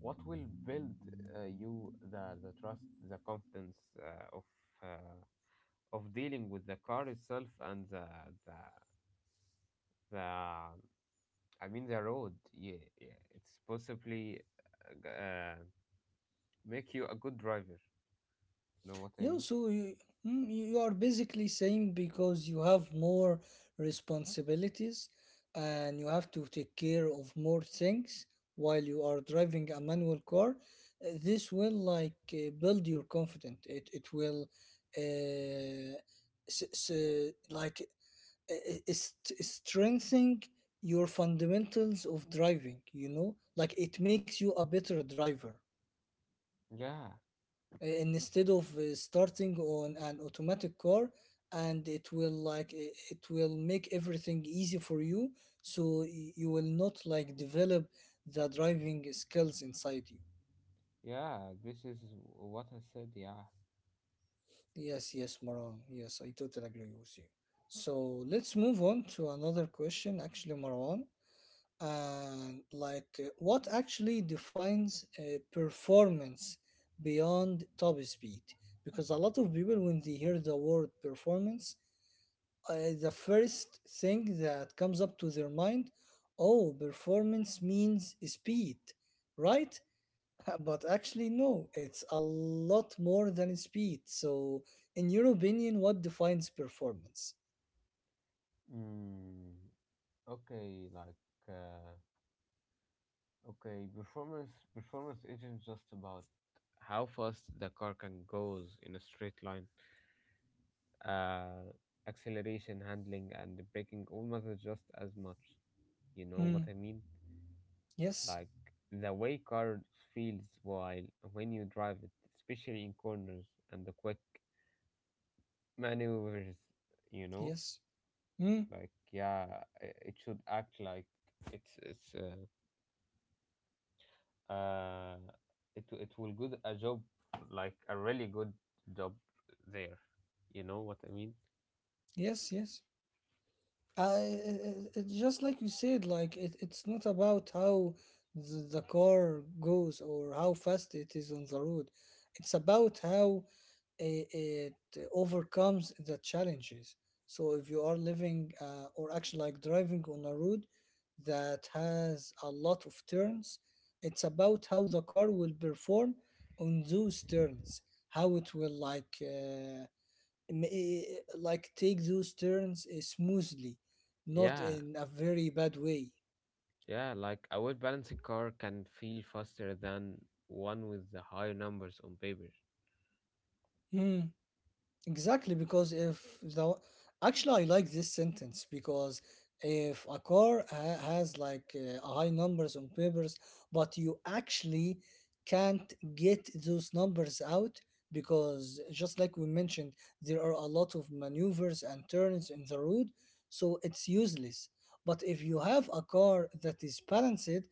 Speaker 2: what will build you the trust, the confidence of uh, dealing with the car itself and the the I mean the road. Yeah, yeah. It's possibly uh, uh, make you a good driver. You know what I
Speaker 1: Yeah,
Speaker 2: mean?
Speaker 1: so you you are basically saying because you have more responsibilities and you have to take care of more things while you are driving a manual car, this will like build your confidence. It will uh, s- s- like strengthening your fundamentals of driving, you know, like it makes you a better driver
Speaker 2: Yeah,
Speaker 1: instead of starting on an automatic car, and it will like it will make everything easy for you, so you will not like develop the driving skills inside you.
Speaker 2: yeah. This is what I said. Yeah.
Speaker 1: Yes, yes, Marwan, yes, I totally agree with you. So let's move on to another question actually, Marwan, and like what actually defines performance beyond top speed, because a lot of people when they hear the word performance, uh, the first thing that comes up to their mind, oh, performance means speed, right? But actually no, it's a lot more than speed. So in your opinion, what defines performance?
Speaker 2: Mm, okay, like uh, okay, performance isn't just about how fast the car can goes in a straight line. Uh, Acceleration, handling, and braking almost just as much. You know
Speaker 1: Hmm.
Speaker 2: what I mean?
Speaker 1: Yes,
Speaker 2: Like the way car feels while when you drive it, especially in corners and the quick maneuvers, you know,
Speaker 1: yes. Hmm.
Speaker 2: like yeah, it should act like it's it's uh, uh it will good a job, like a really good job there. You know what I mean?
Speaker 1: Yes, yes. Just like you said, like it's not about how the car goes or how fast it is on the road. It's about how it overcomes the challenges. So if you are living or actually like driving on a road that has a lot of turns, it's about how the car will perform on those turns, how it will like m- eh, like take those turns smoothly, not
Speaker 2: Yeah.
Speaker 1: in a very bad way.
Speaker 2: Yeah, like a well balanced car can feel faster than one with the higher numbers on paper.
Speaker 1: Hmm. Exactly, because if the actually I like this sentence because if a car ha has like high numbers on papers, but you actually can't get those numbers out because just like we mentioned, there are a lot of maneuvers and turns in the road, so it's useless. But if you have a car that is balanced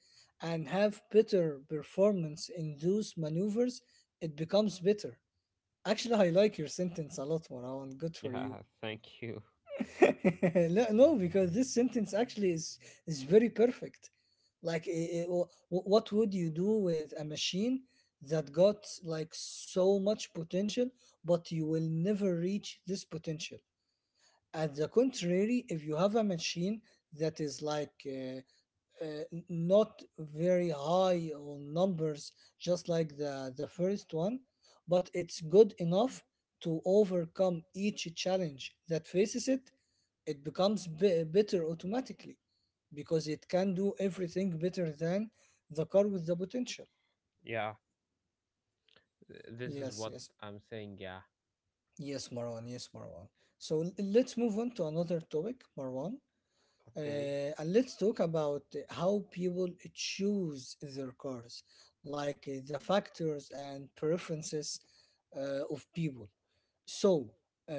Speaker 1: and have better performance in those maneuvers, it becomes better. Actually, I like your sentence a lot, Marwan. Good for you.
Speaker 2: Yeah, thank you.
Speaker 1: No, no, because this sentence actually is very perfect. Like, what would you do with a machine that got like so much potential, but you will never reach this potential? At the contrary, if you have a machine that is like uh, not very high on numbers, just like the first one, but it's good enough to overcome each challenge that faces it. It becomes better automatically because it can do everything better than the car with the potential.
Speaker 2: Yeah. This is
Speaker 1: Yes,
Speaker 2: what
Speaker 1: yes,
Speaker 2: I'm saying, yeah.
Speaker 1: yes, Marwan, yes, Marwan. So let's move on to another topic, Marwan. Uh, and let's talk about how people choose their cars, like the factors and preferences of people. So, uh,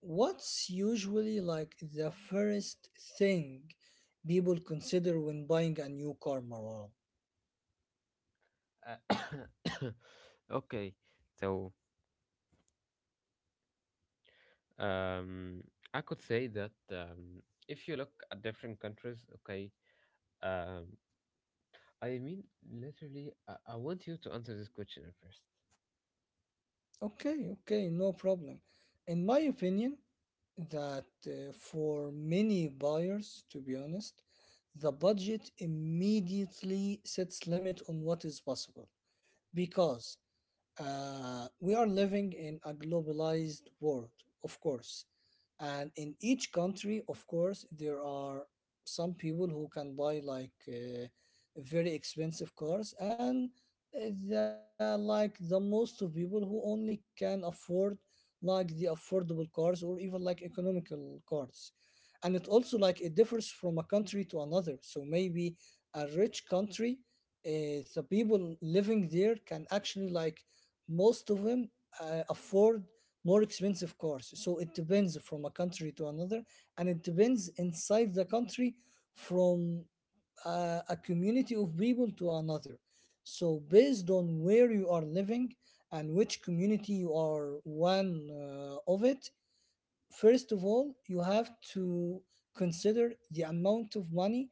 Speaker 1: what's usually like the first thing people consider when buying a new car, Marwan?
Speaker 2: Uh, okay, so um, I could say that if you look at different countries, okay, um, I mean, literally, I want you to answer this question first.
Speaker 1: Okay, okay, no problem. In my opinion, that for many buyers, to be honest, the budget immediately sets limit on what is possible, because we are living in a globalized world, of course. And in each country, of course, there are some people who can buy like very expensive cars, and like the most of people who only can afford like the affordable cars or even like economical cars. And it also like it differs from a country to another. So maybe a rich country, the people living there can actually like most of them afford more expensive cars, so it depends from a country to another, and it depends inside the country from a community of people to another. So based on where you are living and which community you are one of it, first of all you have to consider the amount of money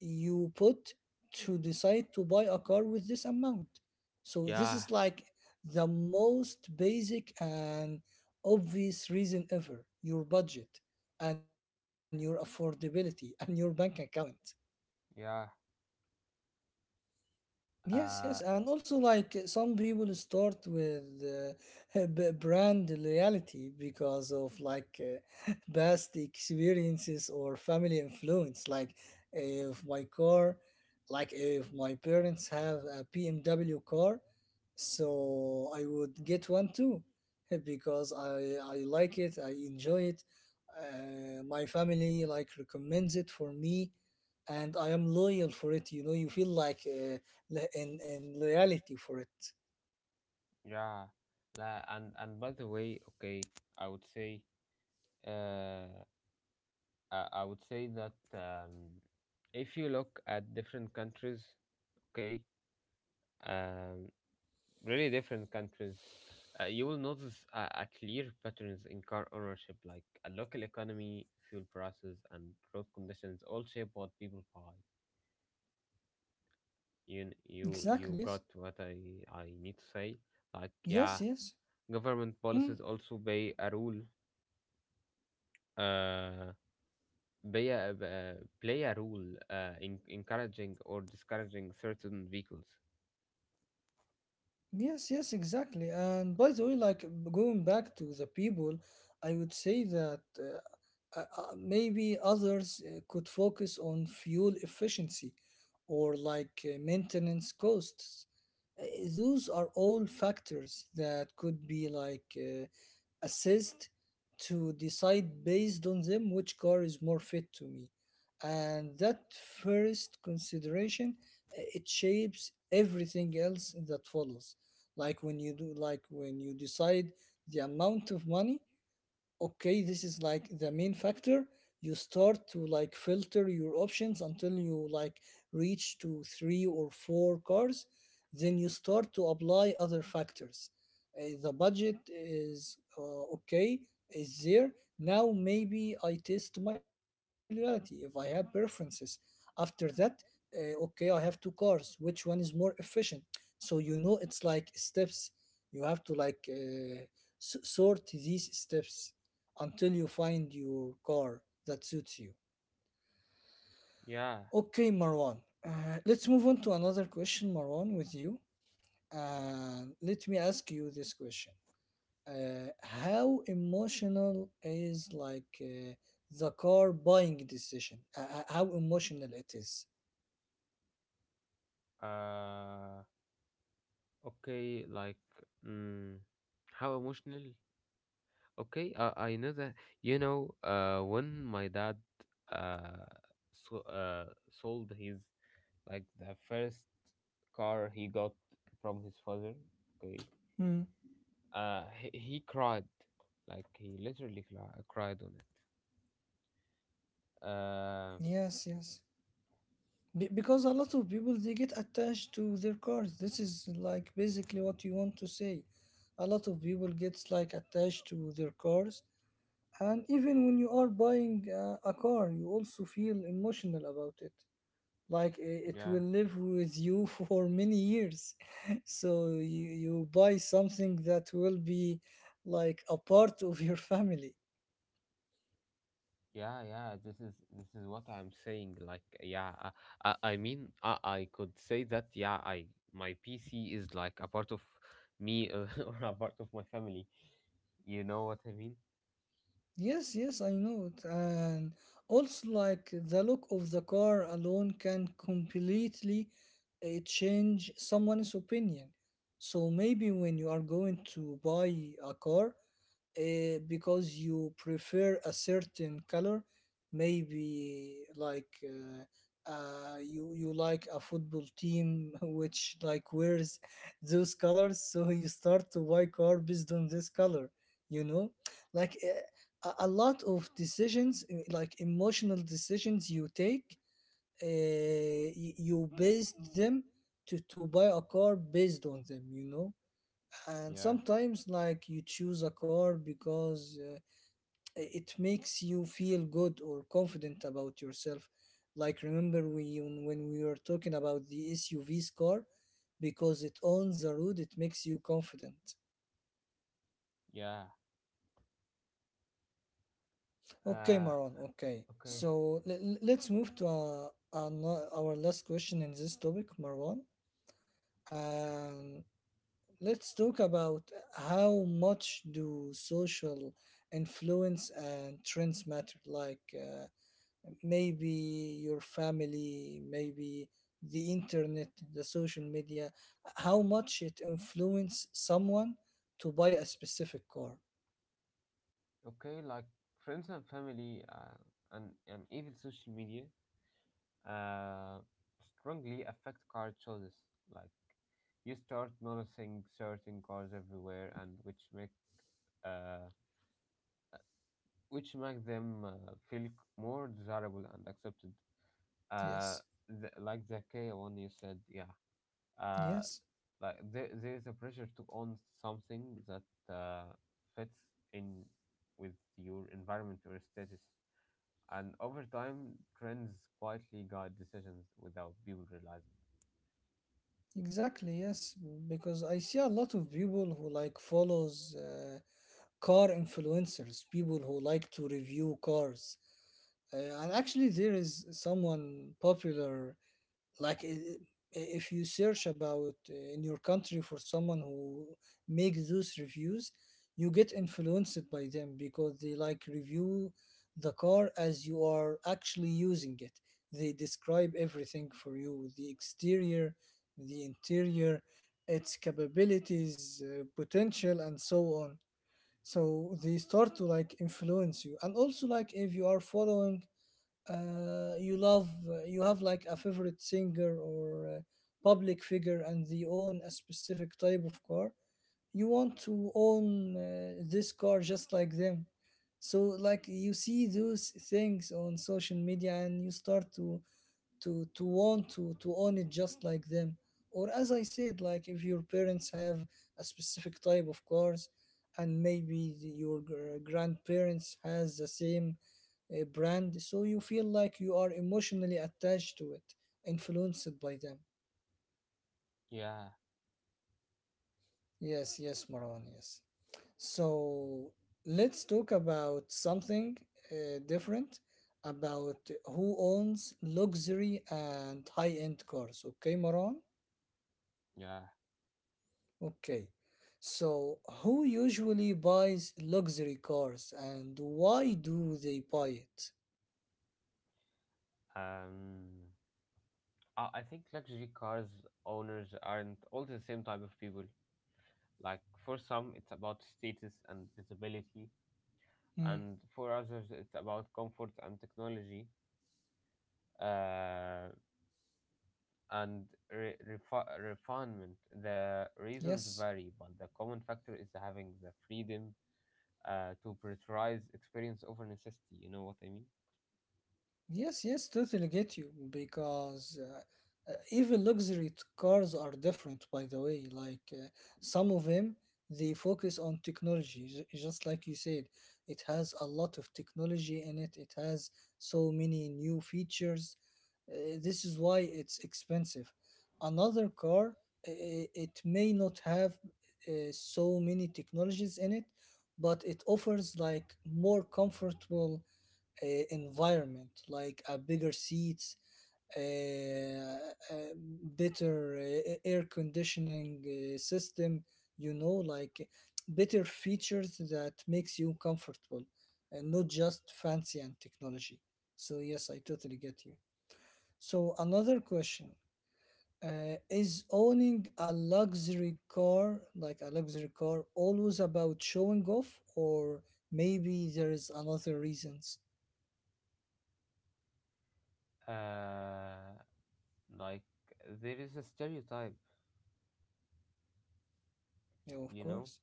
Speaker 1: you put to decide to buy a car with this amount. So this
Speaker 2: Yeah,
Speaker 1: is like the most basic and obvious reason ever, your budget and your affordability and your bank account.
Speaker 2: yeah.
Speaker 1: Yes,
Speaker 2: Uh,
Speaker 1: yes, and also like some people start with brand loyalty because of like past experiences or family influence. Like if my car, like if my parents have a BMW car, so I would get one too because I like it, I enjoy it. My family like recommends it for me, and I am loyal for it. You know, you feel like in loyalty for it.
Speaker 2: yeah. La, and by the way, okay, I would say, uh, I would say that if you look at different countries, okay, um, really different countries, you will notice a clear patterns in car ownership, like a local economy, fuel prices, and road conditions all shape what people buy. You
Speaker 1: Exactly. Yes.
Speaker 2: got what I need to say. Like yeah,
Speaker 1: Yes. Yes.
Speaker 2: government
Speaker 1: Hmm.
Speaker 2: policies also play a role. Uh, Play a role in encouraging or discouraging certain vehicles.
Speaker 1: Yes. Yes. Exactly. And by the way, like going back to the people, I would say that maybe others could focus on fuel efficiency or like maintenance costs. Uh, Those are all factors that could be like assist to decide based on them which car is more fit to me. And that first consideration, it shapes everything else that follows. Like when you decide the amount of money, okay, this is like the main factor. You start to like filter your options until you like reach to three or four cars, then you start to apply other factors. The budget is okay, is there now. Maybe I test my loyalty if I have preferences. After that, okay, I have two cars, which one is more efficient? So you know, it's like steps. You have to like sort these steps until you find your car that suits you.
Speaker 2: Yeah.
Speaker 1: Okay, Marwan. Let's move on to another question, Marwan, with you. And let me ask you this question. How emotional is like the car buying decision? How emotional it is?
Speaker 2: Uh. Okay. Like. Mm, how emotional? Okay, I know that. You know, when my dad uh, sold his, like, the first car he got from his father, okay,
Speaker 1: Mm.
Speaker 2: he cried. Like, he literally cried on it. Uh,
Speaker 1: Yes, yes. Be- because a lot of people they get attached to their cars. This is like basically what you want to say. A lot of people gets like attached to their cars. And even when you are buying a car, you also feel emotional about it. Like it
Speaker 2: yeah.
Speaker 1: will live with you for many years. So you buy something that will be like a part of your family.
Speaker 2: Yeah, yeah, this is what I'm saying. Like, yeah, I mean, I could say that, yeah, I my PC is like a part of me or a part of my family. You know what I mean?
Speaker 1: Yes, yes, I know it. And also, like the look of the car alone can completely change someone's opinion. So maybe when you are going to buy a car, because you prefer a certain color, maybe like you like a football team which like wears those colors, so you start to buy car based on this color, you know, like a lot of decisions like emotional decisions you take, you based them to buy a car based on them, you know. And
Speaker 2: Yeah,
Speaker 1: sometimes like you choose a car because it makes you feel good or confident about yourself, like remember we when we were talking about the SUV's car, because it owns the road it makes you confident.
Speaker 2: yeah.
Speaker 1: Okay,
Speaker 2: Uh,
Speaker 1: Maron, okay,
Speaker 2: okay.
Speaker 1: so let's move to our last question in this topic, Marwan, and let's talk about how much do social influence and trends matter, like maybe your family, maybe the internet, the social media, how much it influence someone to buy a specific car.
Speaker 2: Okay, like friends and family and even social media uh, strongly affect car choices. Like you start noticing certain cars everywhere, and uh, which make them feel more desirable and accepted. Uh,
Speaker 1: Yes,
Speaker 2: like the K one you said, yeah. Uh,
Speaker 1: yes,
Speaker 2: like there is a pressure to own something that fits in with your environment or status. And over time, trends quietly guide decisions without people realizing.
Speaker 1: exactly, yes. Because I see a lot of people who like follows car influencers, people who like to review cars. And actually, there is someone popular like if you search about in your country for someone who makes those reviews, you get influenced by them because they like review the car as you are actually using it. They describe everything for you: the exterior, the interior, its capabilities, potential and so on. So they start to like influence you. And also, like if you are following you love you have like a favorite singer or public figure and they own a specific type of car, you want to own this car just like them. So like you see those things on social media and you start to want to own it just like them. Or as I said, like if your parents have a specific type of cars, and maybe your grandparents has the same brand, so you feel like you are emotionally attached to it, influenced by them.
Speaker 2: Yeah,
Speaker 1: Yes, yes, Marwan, yes. So let's talk about something different about who owns luxury and high-end cars, okay, Marwan?
Speaker 2: yeah.
Speaker 1: Okay. So, who usually buys luxury cars and why do they buy it?
Speaker 2: Um, I think luxury cars owners aren't all the same type of people. Like for some, it's about status and visibility,
Speaker 1: Mm,
Speaker 2: and for others, it's about comfort and technology uh, and refinement. The reasons
Speaker 1: yes.
Speaker 2: vary, but the common factor is having the freedom to prioritize experience over necessity. You know what I mean?
Speaker 1: Yes, yes, totally get you, because even luxury cars are different by the way. Like some of them they focus on technology just like you said. It has a lot of technology in it. It has so many new features. This is why it's expensive. Another car, it may not have so many technologies in it, but it offers like more comfortable uh, environment, like a bigger seats, uh, uh, better air conditioning system. You know, like better features that makes you comfortable, and not just fancy and technology. So yes, I totally get you. So another question, is owning a luxury car, like a luxury car, always about showing off, or maybe there is another reasons?
Speaker 2: Uh, like there is a stereotype,
Speaker 1: Yeah, of
Speaker 2: you know.
Speaker 1: course.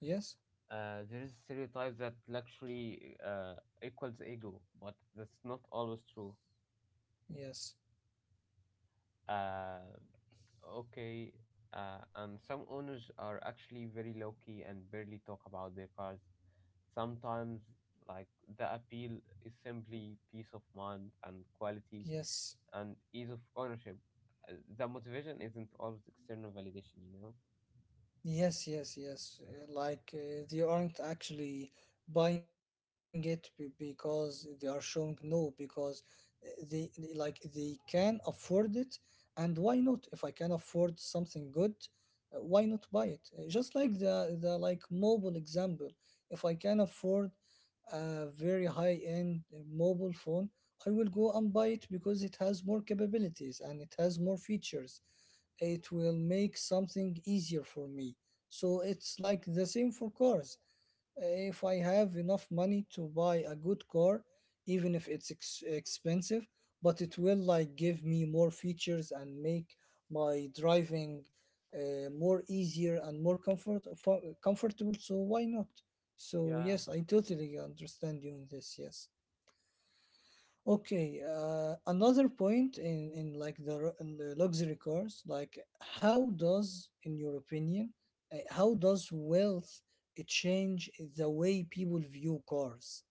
Speaker 1: Yes,
Speaker 2: There is a stereotype that luxury equals ego, but that's not always true.
Speaker 1: yes,
Speaker 2: Uh, okay, and some owners are actually very low key and barely talk about their cars. Sometimes, like, the appeal is simply peace of mind and quality
Speaker 1: yes.
Speaker 2: and ease of ownership. The motivation isn't always external validation, you know?
Speaker 1: Yes, yes, yes. Like they aren't actually buying it because they are showing no, because like they can afford it, and why not? If I can afford something good, why not buy it? Just like the like mobile example, if I can afford a very high end mobile phone, I will go and buy it because it has more capabilities and it has more features. It will make something easier for me. So it's like the same for cars. If I have enough money to buy a good car, even if it's expensive, but it will like give me more features and make my driving more easier and more comfortable. So why not? So yes, I totally understand you in this. Yes. Okay, another point in like the in the luxury cars, like how does, in your opinion, how does wealth change the way people view cars?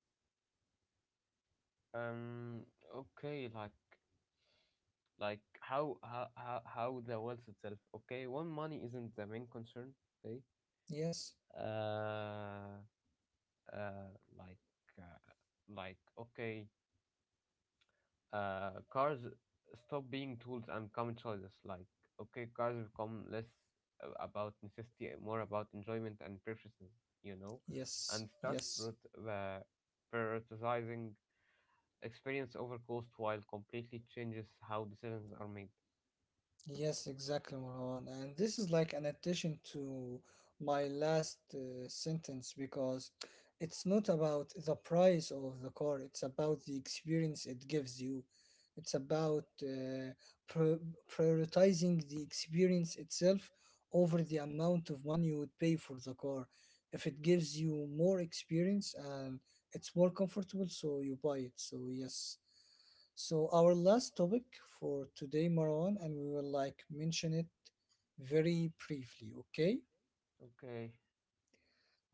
Speaker 2: Um, okay, like. Like how the wealth itself, okay, one, money isn't the main concern, okay,
Speaker 1: Yes,
Speaker 2: uh uh like uh, okay, cars stop being tools and become choices, like okay, cars become less about necessity and more about enjoyment and preferences, you know.
Speaker 1: yes,
Speaker 2: And start
Speaker 1: yes.
Speaker 2: uh, prioritizing experience over cost while completely changes how decisions are made.
Speaker 1: Yes, exactly, Marwan. And this is like an addition to my last sentence because it's not about the price of the car, it's about the experience it gives you. It's about pri- prioritizing the experience itself over the amount of money you would pay for the car. If it gives you more experience and it's more comfortable, so you buy it. So, yes. So our last topic for today, Marwan, and we will like mention it very briefly, okay?
Speaker 2: Okay.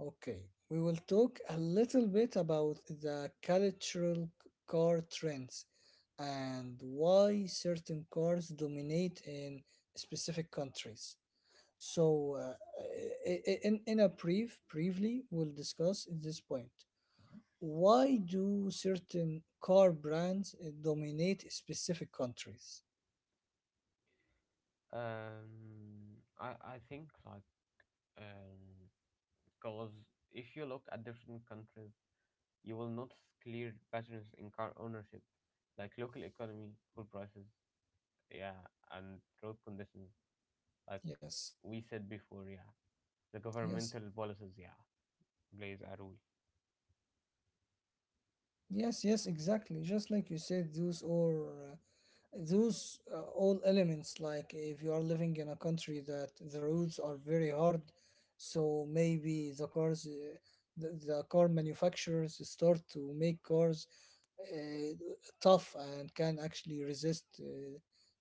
Speaker 1: Okay. We will talk a little bit about the cultural car trends and why certain cars dominate in specific countries. So, in a briefly, we'll discuss this point. Why do certain car brands dominate specific countries?
Speaker 2: I think like um, because if you look at different countries, you will notice clear patterns in car ownership, like local economy, fuel prices, yeah, and road conditions. Like
Speaker 1: Yes.
Speaker 2: we said before, yeah, the
Speaker 1: Yes,
Speaker 2: governmental policies, yeah, plays a role.
Speaker 1: yes, yes, exactly. Just like you said, those or those all elements. Like if you are living in a country that the roads are very hard, so maybe the cars, the car manufacturers start to make cars uh, tough and can actually resist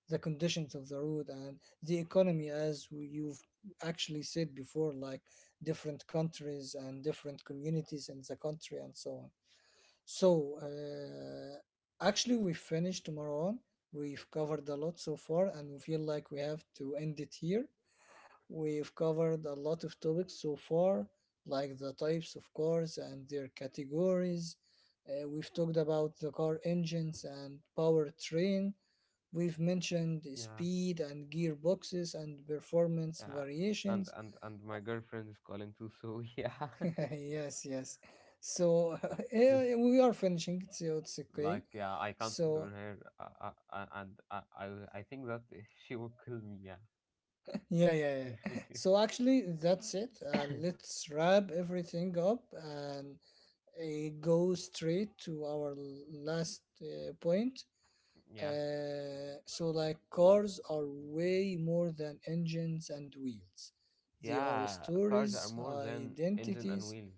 Speaker 1: the conditions of the road and the economy, as you've actually said before, like different countries and different communities in the country and so on. So, actually, we finished, Marwan. We've covered a lot so far, and we feel like we have to end it here. We've covered a lot of topics so far, like the types of cars and their categories. We've talked about the car engines and powertrain. We've mentioned
Speaker 2: Yeah,
Speaker 1: speed and gearboxes and performance
Speaker 2: yeah,
Speaker 1: variations.
Speaker 2: and my girlfriend is calling too, so yeah.
Speaker 1: Yes, yes. So, we are finishing, so it's okay.
Speaker 2: Like yeah, I cancelled on
Speaker 1: So,
Speaker 2: her, and I think that she will kill me, yeah.
Speaker 1: yeah, yeah, yeah. So actually, that's it. Let's wrap everything up and go straight to our last point.
Speaker 2: Yeah,
Speaker 1: So, like, cars are way more than engines and wheels. They are
Speaker 2: yeah, cars are
Speaker 1: stories,
Speaker 2: more than engine and
Speaker 1: identities.
Speaker 2: wheels.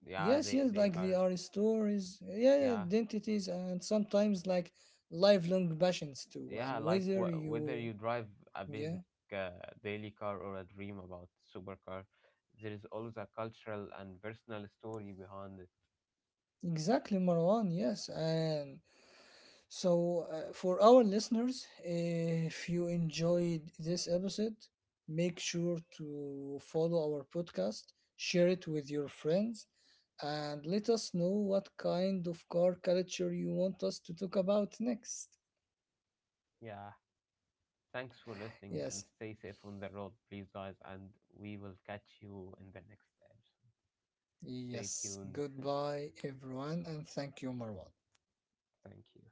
Speaker 2: Yeah,
Speaker 1: Yes,
Speaker 2: they
Speaker 1: yes,
Speaker 2: they
Speaker 1: like
Speaker 2: are.
Speaker 1: they are stories. Yeah, yeah,
Speaker 2: Yeah,
Speaker 1: identities, and sometimes like lifelong passions too.
Speaker 2: yeah,
Speaker 1: And
Speaker 2: like
Speaker 1: whether
Speaker 2: whether you
Speaker 1: you,
Speaker 2: drive a basic
Speaker 1: yeah.
Speaker 2: uh, daily car or a dream about supercar, there is always a cultural and personal story behind it.
Speaker 1: Exactly, Marwan. Yes, and so, for our listeners, if you enjoyed this episode, make sure to follow our podcast, share it with your friends, and let us know what kind of car culture you want us to talk about next.
Speaker 2: Yeah, thanks for listening and
Speaker 1: Yes,
Speaker 2: stay safe on the road, please, guys, and we will catch you in the next episode. Stay
Speaker 1: yes.
Speaker 2: tuned.
Speaker 1: Goodbye, everyone, and thank you, Marwan.
Speaker 2: Thank you.